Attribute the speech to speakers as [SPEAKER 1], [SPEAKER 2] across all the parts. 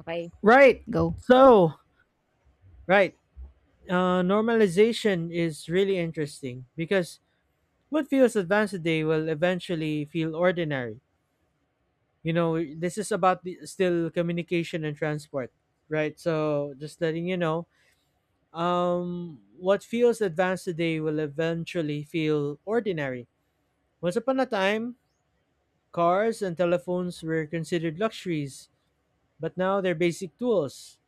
[SPEAKER 1] Okay.
[SPEAKER 2] Right.
[SPEAKER 1] Go.
[SPEAKER 2] So, right. Normalization is really interesting because what feels advanced today will eventually feel ordinary. You know, this is about still communication and transport, right? So, just letting you know, what feels advanced today will eventually feel ordinary. Once upon a time, cars and telephones were considered luxuries, but now they're basic tools.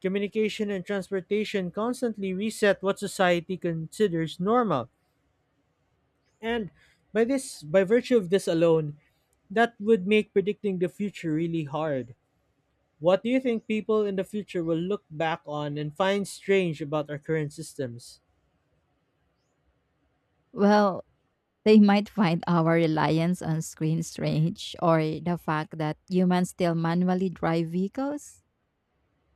[SPEAKER 2] Communication and transportation constantly reset what society considers normal. And by virtue of this alone, that would make predicting the future really hard. What do you think people in the future will look back on and find strange about our current systems?
[SPEAKER 1] Well, they might find our reliance on screen strange, or the fact that humans still manually drive vehicles.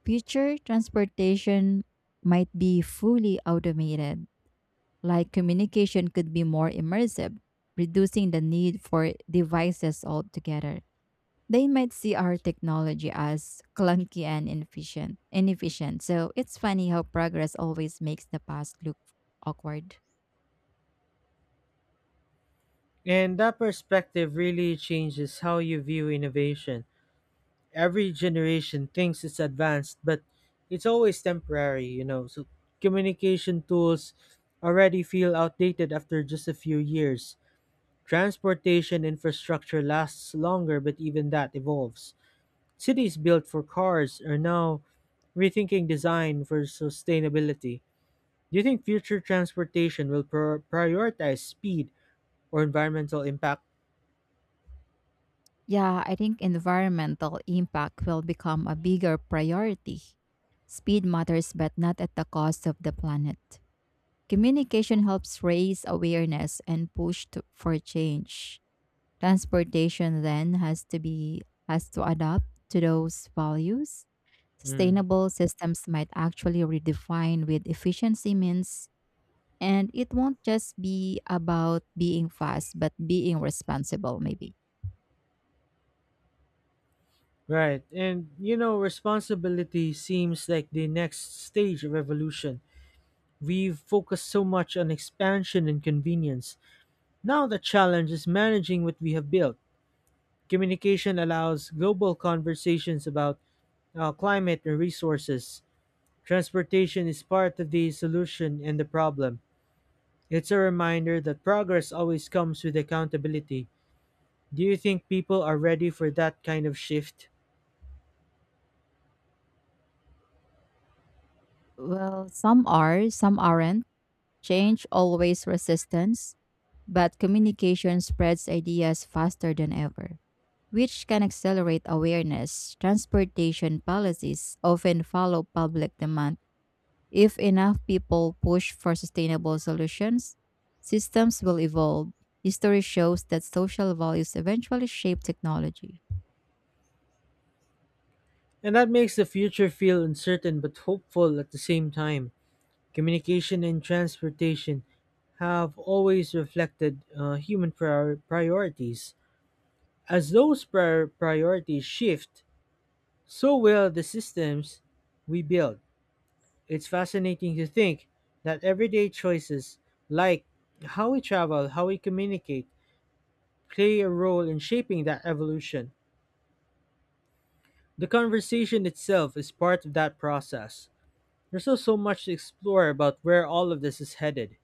[SPEAKER 1] Future transportation might be fully automated, like communication could be more immersive, reducing the need for devices altogether. They might see our technology as clunky and inefficient. Inefficient. So it's funny how progress always makes the past look awkward.
[SPEAKER 2] And that perspective really changes how you view innovation. Every generation thinks it's advanced, but it's always temporary, you know. So communication tools already feel outdated after just a few years. Transportation infrastructure lasts longer, but even that evolves. Cities built for cars are now rethinking design for sustainability. Do you think future transportation will prioritize speed or environmental impact?
[SPEAKER 1] Yeah, I think environmental impact will become a bigger priority. Speed matters, but not at the cost of the planet. Communication helps raise awareness and push to, for change. Transportation then has to be has to adapt to those values.
[SPEAKER 2] Mm.
[SPEAKER 1] Sustainable systems might actually redefine with efficiency means, and it won't just be about being fast, but being responsible. Maybe
[SPEAKER 2] Right. And you know, responsibility seems like the next stage of evolution. We've focused so much on expansion and convenience. Now the challenge is managing what we have built. Communication allows global conversations about climate and resources. Transportation is part of the solution and the problem. It's a reminder that progress always comes with accountability. Do you think people are ready for that kind of shift?
[SPEAKER 1] well, some are, some aren't. Change always resistance, but communication spreads ideas faster than ever, which can accelerate awareness. Transportation policies often follow public demand. If enough people push for sustainable solutions, systems will evolve. History shows that social values eventually shape technology.
[SPEAKER 2] And that makes the future feel uncertain but hopeful at the same time. Communication and transportation have always reflected human priorities. As those priorities shift, so will the systems we build. It's fascinating to think that everyday choices, like how we travel, how we communicate, play a role in shaping that evolution. The conversation itself is part of that process. There's still so much to explore about where all of this is headed.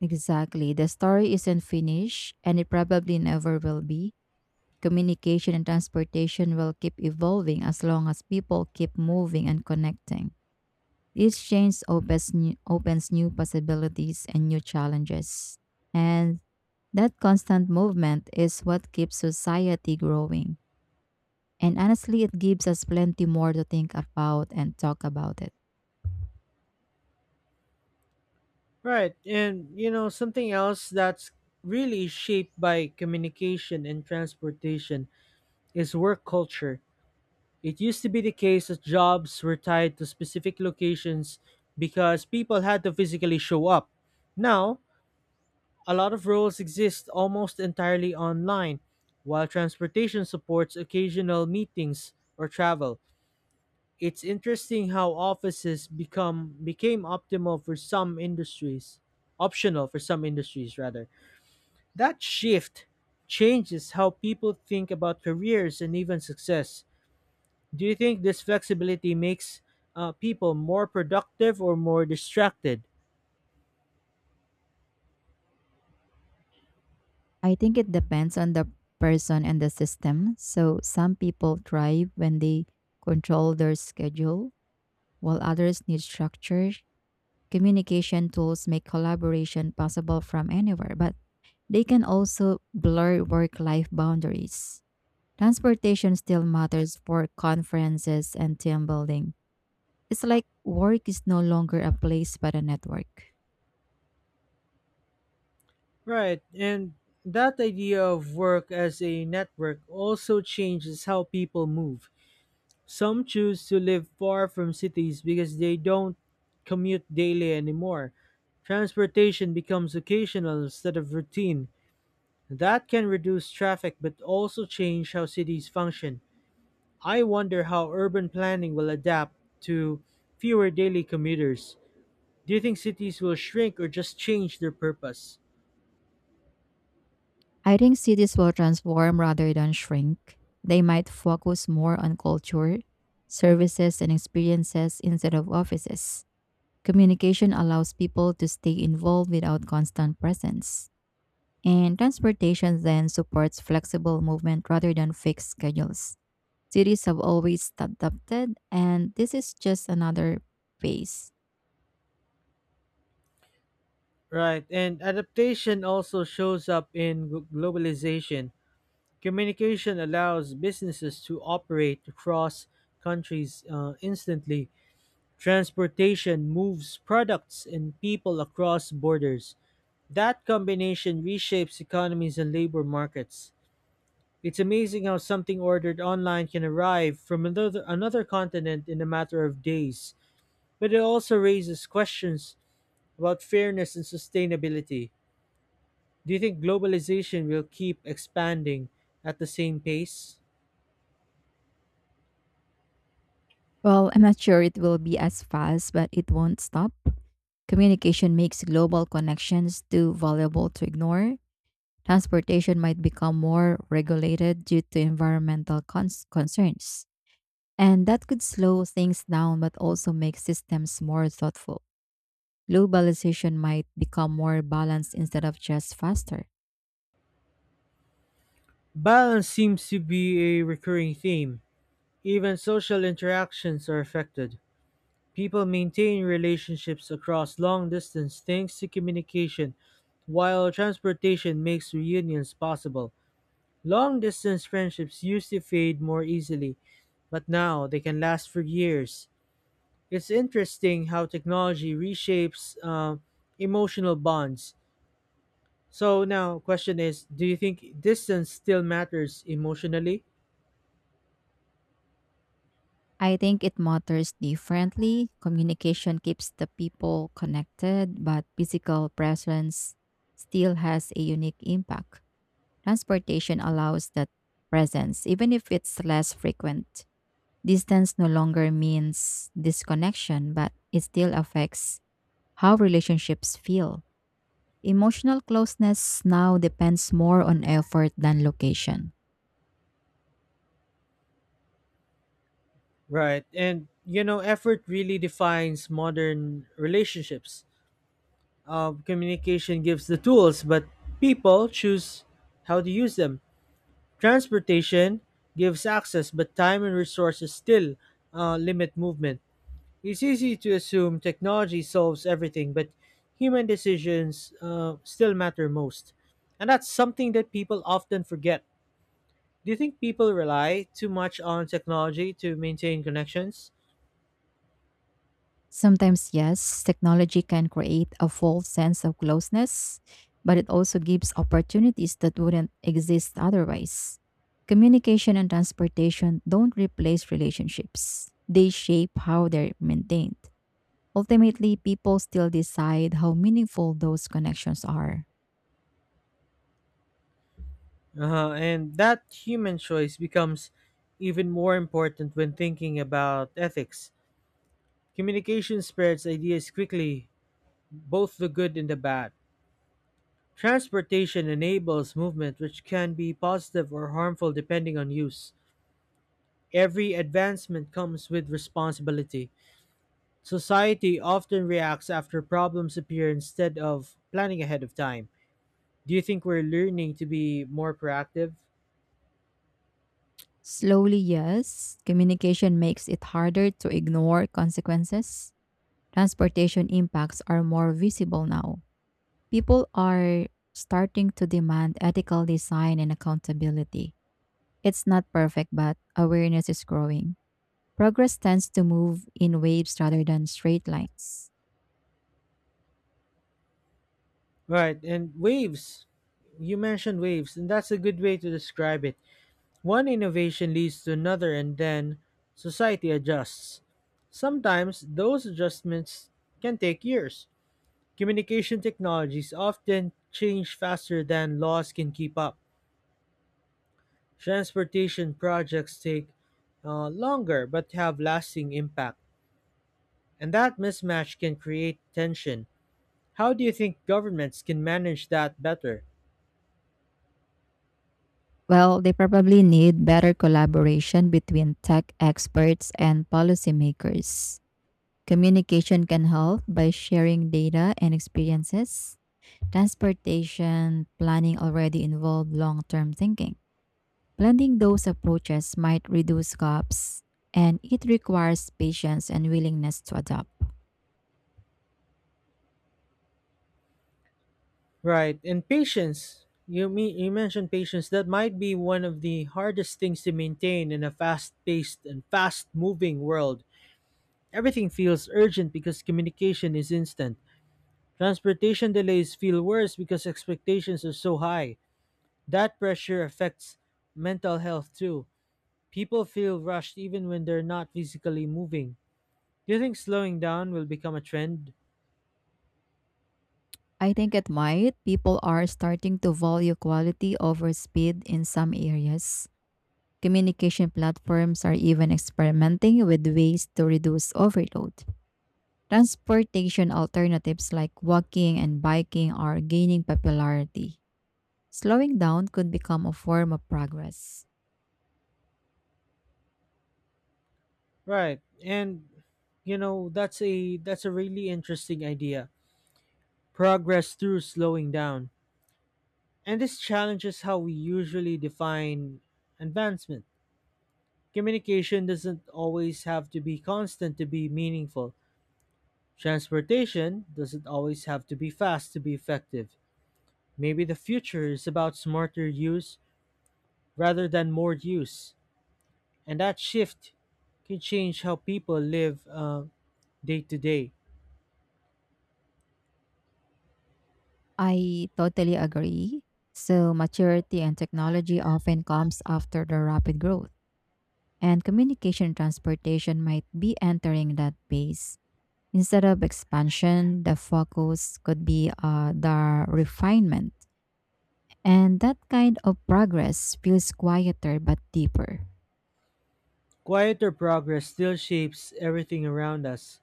[SPEAKER 1] Exactly. The story isn't finished, and it probably never will be. Communication and transportation will keep evolving as long as people keep moving and connecting. Each change opens new possibilities and new challenges. And that constant movement is what keeps society growing. And honestly, it gives us plenty more to think about and talk about it.
[SPEAKER 2] Right, and you know, something else that's really shaped by communication and transportation is work culture. It used to be the case that jobs were tied to specific locations because people had to physically show up. Now, a lot of roles exist almost entirely online, while transportation supports occasional meetings or travel. It's interesting how offices become became optimal for some industries, optional for some industries rather. That shift changes how people think about careers and even success. Do you think this flexibility makes people more productive or more distracted?
[SPEAKER 1] I think it depends on the person and the system. So some people thrive when they control their schedule, while others need structure. Communication tools make collaboration possible from anywhere, but they can also blur work life boundaries. Transportation still matters for conferences and team building. It's like work is no longer a place but a network.
[SPEAKER 2] Right, and that idea of work as a network also changes how people move. Some choose to live far from cities because they don't commute daily anymore. Transportation becomes occasional instead of routine. That can reduce traffic but also change how cities function. I wonder how urban planning will adapt to fewer daily commuters. Do you think cities will shrink or just change their purpose?
[SPEAKER 1] I think cities will transform rather than shrink. They might focus more on culture, services, and experiences instead of offices. Communication allows people to stay involved without constant presence. And transportation then supports flexible movement rather than fixed schedules. Cities have always adapted, and this is just another phase.
[SPEAKER 2] Right, and adaptation also shows up in globalization. Communication allows businesses to operate across countries instantly. Transportation moves products and people across borders. That combination reshapes economies and labor markets. It's amazing how something ordered online can arrive from another continent in a matter of days. But it also raises questions about fairness and sustainability. Do you think globalization will keep expanding at the same pace?
[SPEAKER 1] Well, I'm not sure it will be as fast, but it won't stop. Communication makes global connections too valuable to ignore. Transportation might become more regulated due to environmental concerns. And that could slow things down, but also make systems more thoughtful. Globalization might become more balanced instead of just faster.
[SPEAKER 2] Balance seems to be a recurring theme. Even social interactions are affected. People maintain relationships across long distance thanks to communication, while transportation makes reunions possible. Long distance friendships used to fade more easily, but now they can last for years. It's interesting how technology reshapes emotional bonds. So now, question is, do you think distance still matters emotionally?
[SPEAKER 1] I think it matters differently. Communication keeps the people connected, but physical presence still has a unique impact. Transportation allows that presence, even if it's less frequent. Distance no longer means disconnection, but it still affects how relationships feel. Emotional closeness now depends more on effort than location.
[SPEAKER 2] Right. And, you know, effort really defines modern relationships. Communication gives the tools, but people choose how to use them. Transportation gives access, but time and resources still limit movement. It's easy to assume technology solves everything, but human decisions still matter most. And that's something that people often forget. Do you think people rely too much on technology to maintain connections?
[SPEAKER 1] Sometimes, yes, technology can create a false sense of closeness, but it also gives opportunities that wouldn't exist otherwise. Communication and transportation don't replace relationships, they shape how they're maintained. Ultimately, people still decide how meaningful those connections are.
[SPEAKER 2] Uh-huh. And that human choice becomes even more important when thinking about ethics. Communication spreads ideas quickly, both the good and the bad. Transportation enables movement, which can be positive or harmful depending on use. Every advancement comes with responsibility. Society often reacts after problems appear instead of planning ahead of time. Do you think we're learning to be more proactive?
[SPEAKER 1] Slowly, yes, communication makes it harder to ignore consequences. Transportation impacts are more visible now. People are starting to demand ethical design and accountability. It's not perfect, but awareness is growing. Progress tends to move in waves rather than straight lines.
[SPEAKER 2] Right, and waves. You mentioned waves, and that's a good way to describe it. One innovation leads to another, and then society adjusts. Sometimes those adjustments can take years. Communication technologies often change faster than laws can keep up. Transportation projects take longer but have lasting impact, and that mismatch can create tension. How do you think governments can manage that better?
[SPEAKER 1] Well, they probably need better collaboration between tech experts and policymakers. Communication can help by sharing data and experiences. Transportation planning already involved long term thinking. Blending those approaches might reduce gaps, and it requires patience and willingness to adapt.
[SPEAKER 2] Right, and patience. You mentioned patience. That might be one of the hardest things to maintain in a fast-paced and fast-moving world. Everything feels urgent because communication is instant. Transportation delays feel worse because expectations are so high. That pressure affects mental health too. People feel rushed even when they're not physically moving. Do you think slowing down will become a trend?
[SPEAKER 1] I think it might. People are starting to value quality over speed in some areas. Communication platforms are even experimenting with ways to reduce overload. Transportation alternatives like walking and biking are gaining popularity. Slowing down could become a form of progress.
[SPEAKER 2] Right. And you know, that's a really interesting idea. Progress through slowing down. And this challenges how we usually define advancement. Communication doesn't always have to be constant to be meaningful. Transportation doesn't always have to be fast to be effective. Maybe the future is about smarter use rather than more use, and that shift can change how people live day to day.
[SPEAKER 1] I totally agree. So, maturity and technology often comes after the rapid growth, and communication and transportation might be entering that phase. Instead of expansion, the focus could be the refinement. And that kind of progress feels quieter but deeper.
[SPEAKER 2] Quieter progress still shapes everything around us.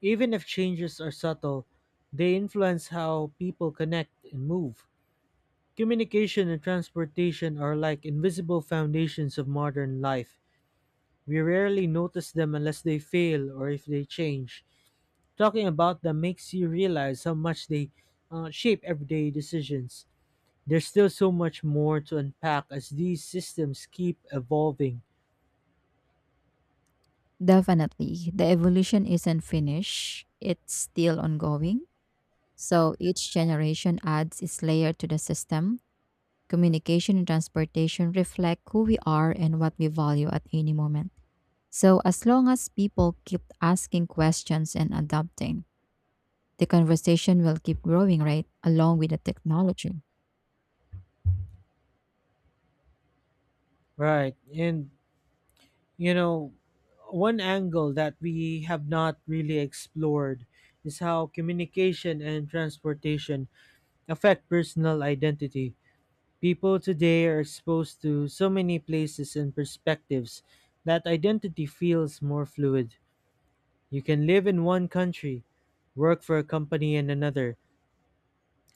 [SPEAKER 2] Even if changes are subtle, they influence how people connect and move. Communication and transportation are like invisible foundations of modern life. We rarely notice them unless they fail or if they change. Talking about them makes you realize how much they shape everyday decisions. There's still so much more to unpack as these systems keep evolving.
[SPEAKER 1] Definitely, the evolution isn't finished, it's still ongoing. So each generation adds its layer to the system. Communication and transportation reflect who we are and what we value at any moment. So as long as people keep asking questions and adapting, the conversation will keep growing, right? Along with the technology.
[SPEAKER 2] Right. And, you know, one angle that we have not really explored is how communication and transportation affect personal identity. People today are exposed to so many places and perspectives that identity feels more fluid. You can live in one country, work for a company in another,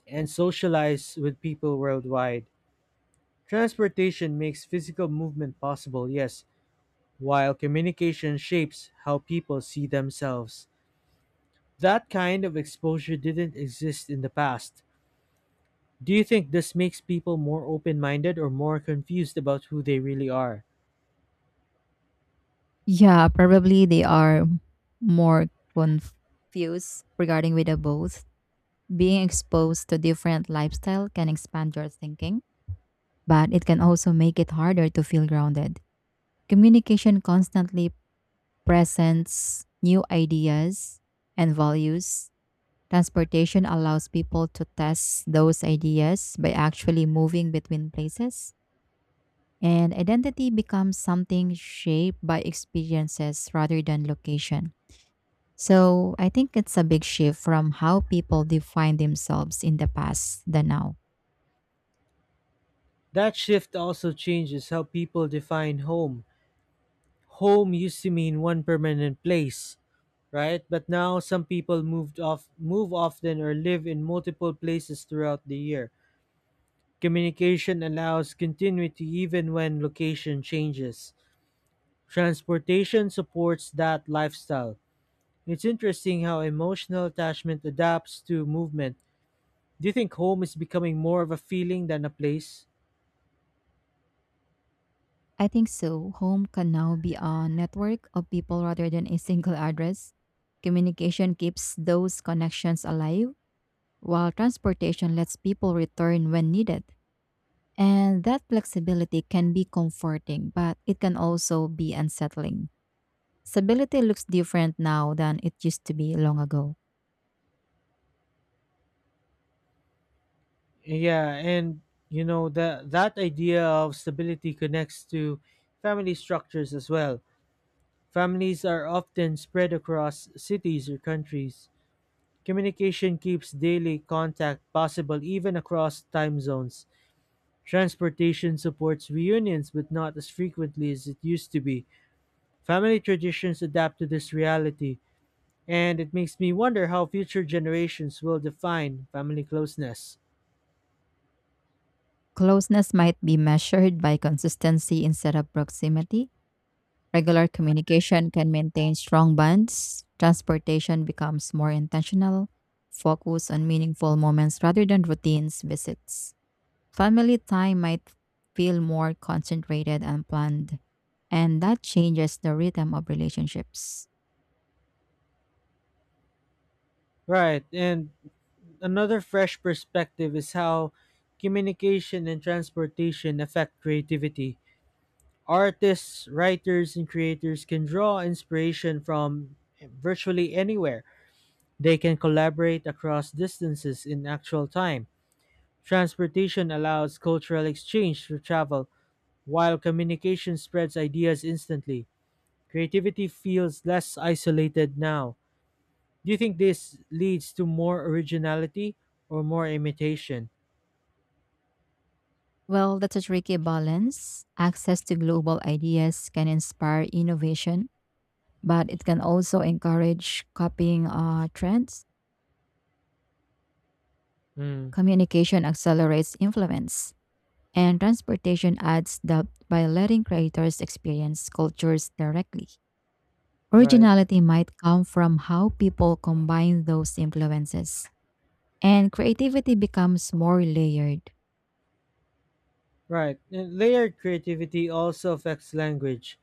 [SPEAKER 2] and socialize with people worldwide. Transportation makes physical movement possible, yes, while communication shapes how people see themselves. That kind of exposure didn't exist in the past. Do you think this makes people more open minded or more confused about who they really are?
[SPEAKER 1] Yeah, probably they are more confused regarding with the both. Being exposed to different lifestyle can expand your thinking, but it can also make it harder to feel grounded. Communication constantly presents new ideas and values. Transportation allows people to test those ideas by actually moving between places. And identity becomes something shaped by experiences rather than location. So I think it's a big shift from how people define themselves in the past than now.
[SPEAKER 2] That shift also changes how people define home. Home used to mean one permanent place, right? But now some people move often or live in multiple places throughout the year. Communication allows continuity even when location changes. Transportation supports that lifestyle. It's interesting how emotional attachment adapts to movement. Do you think home is becoming more of a feeling than a place?
[SPEAKER 1] I think so. Home can now be a network of people rather than a single address. Communication keeps those connections alive, while transportation lets people return when needed. And that flexibility can be comforting, but it can also be unsettling. Stability looks different now than it used to be long ago.
[SPEAKER 2] Yeah, and you know the that idea of stability connects to family structures as well. Families are often spread across cities or countries. Communication keeps daily contact possible even across time zones. Transportation supports reunions, but not as frequently as it used to be. Family traditions adapt to this reality, and it makes me wonder how future generations will define family closeness.
[SPEAKER 1] Closeness might be measured by consistency instead of proximity. Regular communication can maintain strong bonds. Transportation becomes more intentional. Focus on meaningful moments rather than routines visits. Family time might feel more concentrated and planned, and that changes the rhythm of relationships.
[SPEAKER 2] Right, and another fresh perspective is how communication and transportation affect creativity. Artists, writers, and creators can draw inspiration from virtually anywhere. They can collaborate across distances in actual time. Transportation allows cultural exchange through travel, while communication spreads ideas instantly. Creativity feels less isolated now. Do you think this leads to more originality or more imitation?
[SPEAKER 1] Well, that's a tricky balance. Access to global ideas can inspire innovation, but it can also encourage copying trends.
[SPEAKER 2] Mm,
[SPEAKER 1] Communication accelerates influence. And transportation adds depth by letting creators experience cultures directly.
[SPEAKER 2] right.
[SPEAKER 1] Originality might come from how people combine those influences, and creativity becomes more layered.
[SPEAKER 2] Right. And layered creativity also affects language.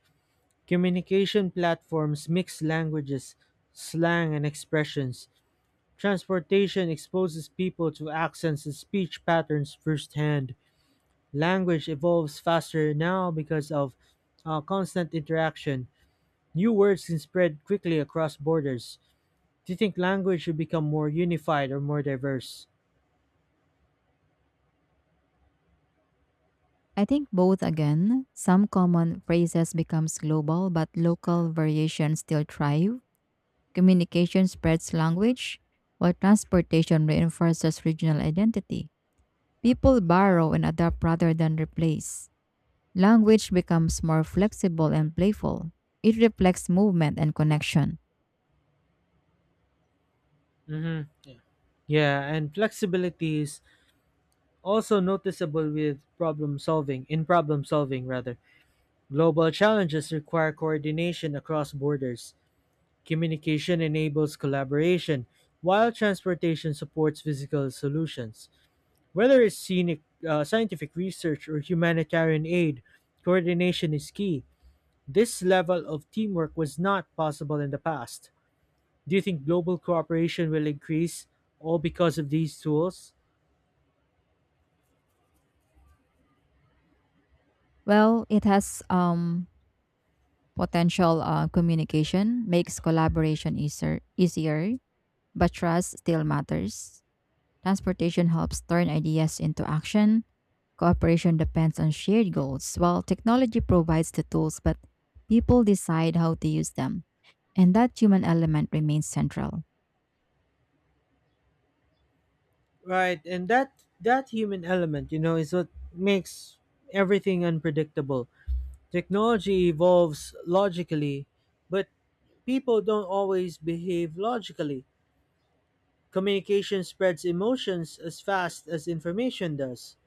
[SPEAKER 2] Communication platforms mix languages, slang, and expressions. Transportation exposes people to accents and speech patterns firsthand. Language evolves faster now because of constant interaction. New words can spread quickly across borders. Do you think language should become more unified or more diverse?
[SPEAKER 1] I think both again, some common phrases becomes global but local variations still thrive. Communication spreads language, while transportation reinforces regional identity. People borrow and adapt rather than replace. Language becomes more flexible and playful. It reflects movement and connection.
[SPEAKER 2] Hmm. Yeah, and flexibility is also noticeable with problem solving rather. Global challenges require coordination across borders. Communication enables collaboration, while transportation supports physical solutions. Whether it's scientific research or humanitarian aid, coordination is key. This level of teamwork was not possible in the past. Do you think global cooperation will increase all because of these tools?
[SPEAKER 1] Well, it has potential communication, makes collaboration easier, but trust still matters. Transportation helps turn ideas into action. Cooperation depends on shared goals, while technology provides the tools, but people decide how to use them. And that human element remains central.
[SPEAKER 2] Right, and that human element, you know, is what makes everything unpredictable. Technology evolves logically, but people don't always behave logically. Communication spreads emotions as fast as information does.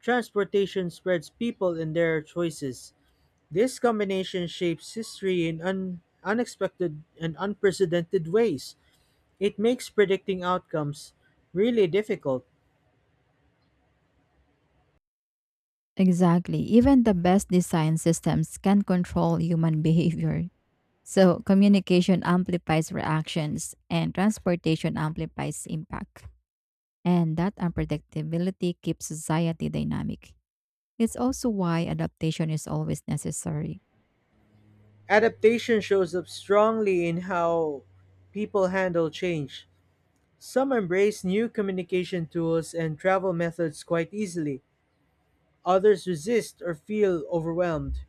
[SPEAKER 2] Transportation spreads people and their choices. This combination shapes history in unexpected and unprecedented ways. It makes predicting outcomes really difficult.
[SPEAKER 1] Exactly. Even the best design systems can control human behavior. So, communication amplifies reactions and transportation amplifies impact. And that unpredictability keeps society dynamic. It's also why adaptation is always necessary.
[SPEAKER 2] Adaptation shows up strongly in how people handle change. Some embrace new communication tools and travel methods quite easily, others resist or feel overwhelmed.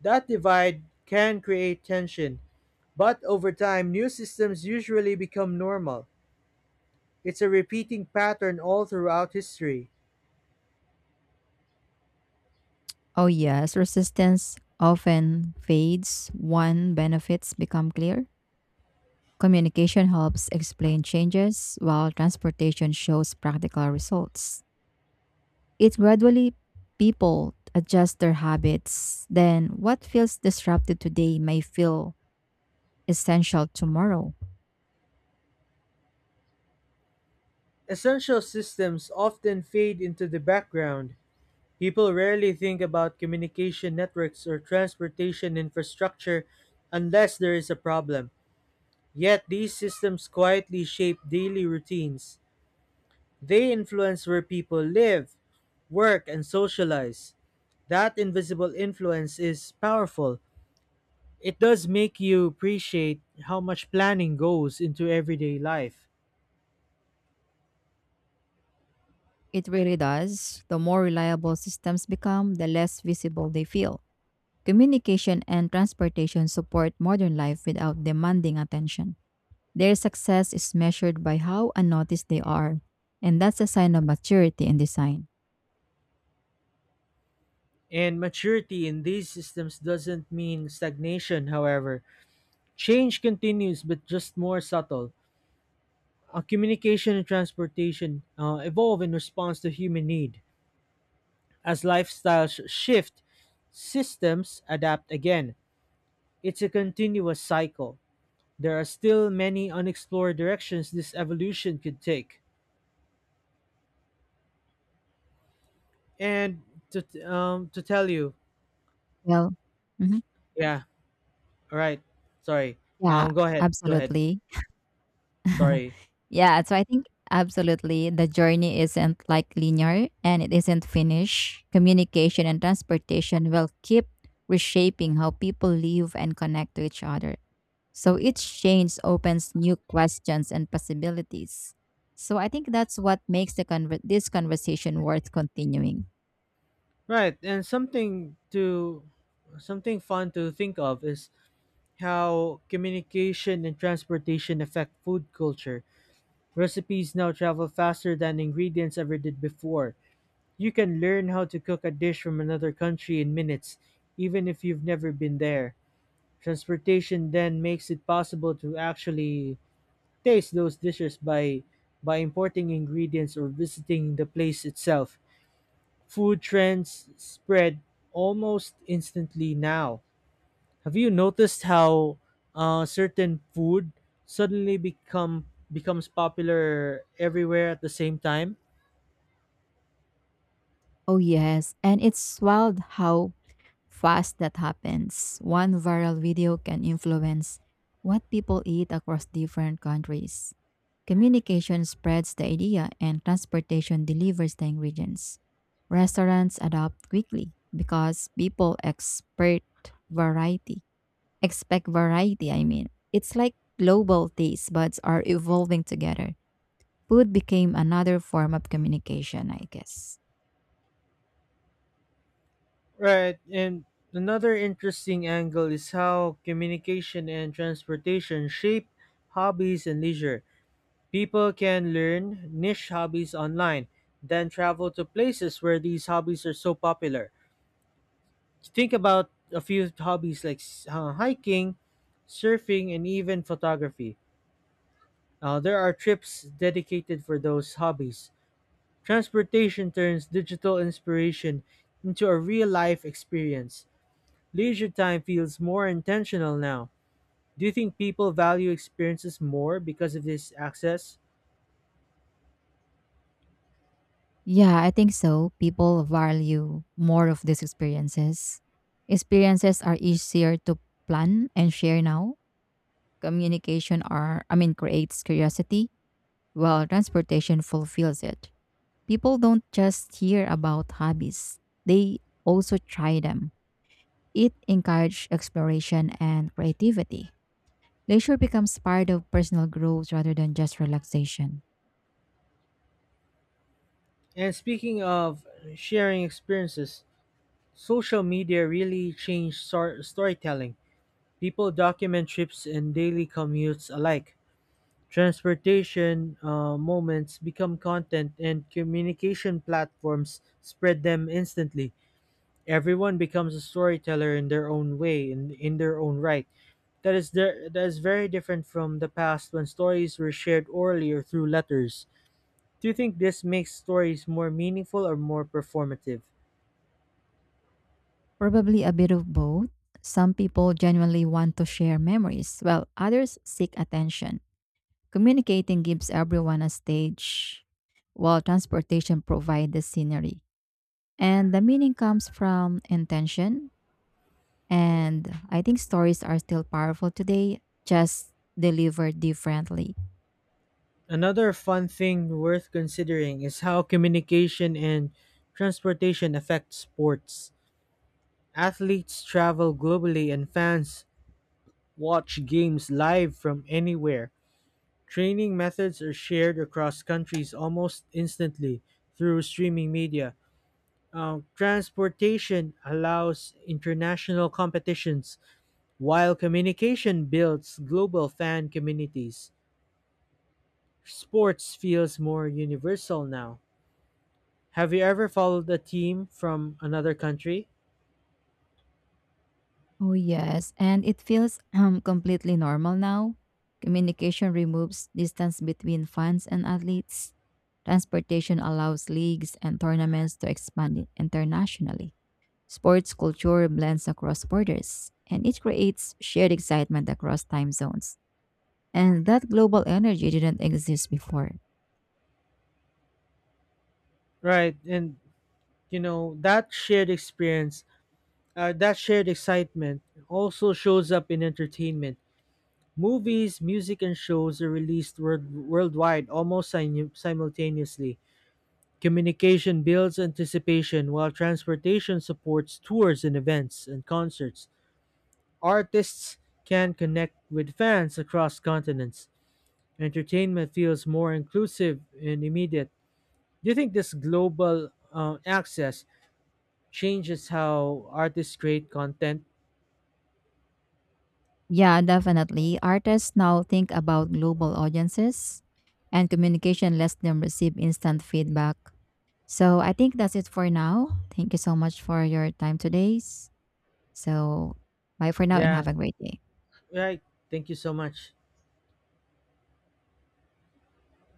[SPEAKER 2] That divide can create tension, but over time, new systems usually become normal. It's a repeating pattern all throughout history.
[SPEAKER 1] Oh, yes, resistance often fades when benefits become clear. Communication helps explain changes, while transportation shows practical results. It gradually people adjust their habits, then what feels disrupted today may feel essential tomorrow.
[SPEAKER 2] Essential systems often fade into the background. People rarely think about communication networks or transportation infrastructure unless there is a problem. Yet these systems quietly shape daily routines. They influence where people live, work, and socialize. That invisible influence is powerful. It does make you appreciate how much planning goes into everyday life.
[SPEAKER 1] It really does. The more reliable systems become, the less visible they feel. Communication and transportation support modern life without demanding attention. Their success is measured by how unnoticed they are, and that's a sign of maturity in design.
[SPEAKER 2] And maturity in these systems doesn't mean stagnation, however. Change continues, but just more subtle. Communication and transportation evolve in response to human need. As lifestyles shift, systems adapt again. It's a continuous cycle. There are still many unexplored directions this evolution could take. And to tell you,
[SPEAKER 1] Well, mhm.
[SPEAKER 2] yeah, all right. Sorry.
[SPEAKER 1] Yeah,
[SPEAKER 2] Go ahead. Go ahead.
[SPEAKER 1] absolutely.
[SPEAKER 2] Sorry.
[SPEAKER 1] Yeah, so I think absolutely the journey isn't like linear and it isn't finished. Communication and transportation will keep reshaping how people live and connect to each other. So each change opens new questions and possibilities. So I think that's what makes the this conversation worth continuing.
[SPEAKER 2] Right. And something fun to think of is how communication and transportation affect food culture. Recipes now travel faster than ingredients ever did before. You can learn how to cook a dish from another country in minutes, even if you've never been there. Transportation then makes it possible to actually taste those dishes by importing ingredients or visiting the place itself. Food trends spread almost instantly now. Have you noticed how certain food suddenly become becomes popular everywhere at the same time?
[SPEAKER 1] Oh yes, and it's wild how fast that happens. One viral video can influence what people eat across different countries. Communication spreads the idea, and transportation delivers the ingredients. Restaurants adapt quickly because people expect variety. Expect variety, I mean. It's like global taste buds are evolving together. Food became another form of communication, I guess.
[SPEAKER 2] Right, and another interesting angle is how communication and transportation shape hobbies and leisure. People can learn niche hobbies online, then travel to places where these hobbies are so popular. Think about a few hobbies like hiking, surfing, and even photography. There are trips dedicated for those hobbies. Transportation turns digital inspiration into a real life experience. Leisure time feels more intentional now. Do you think people value experiences more because of this access?
[SPEAKER 1] Yeah, I think so. People value more of these experiences. Experiences are easier to plan and share now. Communication are I mean creates curiosity, while transportation fulfills it. People don't just hear about hobbies. They also try them. It encourages exploration and creativity. Leisure becomes part of personal growth rather than just relaxation.
[SPEAKER 2] And speaking of sharing experiences, social media really changed storytelling. People document trips and daily commutes alike. Transportation moments become content, and communication platforms spread them instantly. Everyone becomes a storyteller in their own way, in their own right. That is very different from the past when stories were shared orally or through letters. Do you think this makes stories more meaningful or more performative?
[SPEAKER 1] Probably a bit of both. Some people genuinely want to share memories, while others seek attention. Communicating gives everyone a stage, while transportation provides the scenery. And the meaning comes from intention. And I think stories are still powerful today, just delivered differently.
[SPEAKER 2] Another fun thing worth considering is how communication and transportation affect sports. Athletes travel globally and fans watch games live from anywhere. Training methods are shared across countries almost instantly through streaming media. Transportation allows international competitions, while communication builds global fan communities. Sports feels more universal now. Have you ever followed a team from another country?
[SPEAKER 1] Oh, yes. And it feels completely normal now. Communication removes distance between fans and athletes. Transportation allows leagues and tournaments to expand internationally. Sports culture blends across borders, and it creates shared excitement across time zones. And that global energy didn't exist before.
[SPEAKER 2] Right, and you know that shared experience, that shared excitement also shows up in entertainment. Movies, music, and shows are released worldwide almost simultaneously. Communication builds anticipation, while transportation supports tours and events and concerts. Artists can connect with fans across continents. Entertainment feels more inclusive and immediate. Do you think this global access changes how artists create content?
[SPEAKER 1] Yeah, definitely. Artists now think about global audiences, and communication lets them receive instant feedback. So I think that's it for now. Thank you so much for your time today. So bye for now and
[SPEAKER 2] Yeah,
[SPEAKER 1] have a great day.
[SPEAKER 2] right. Thank you so much.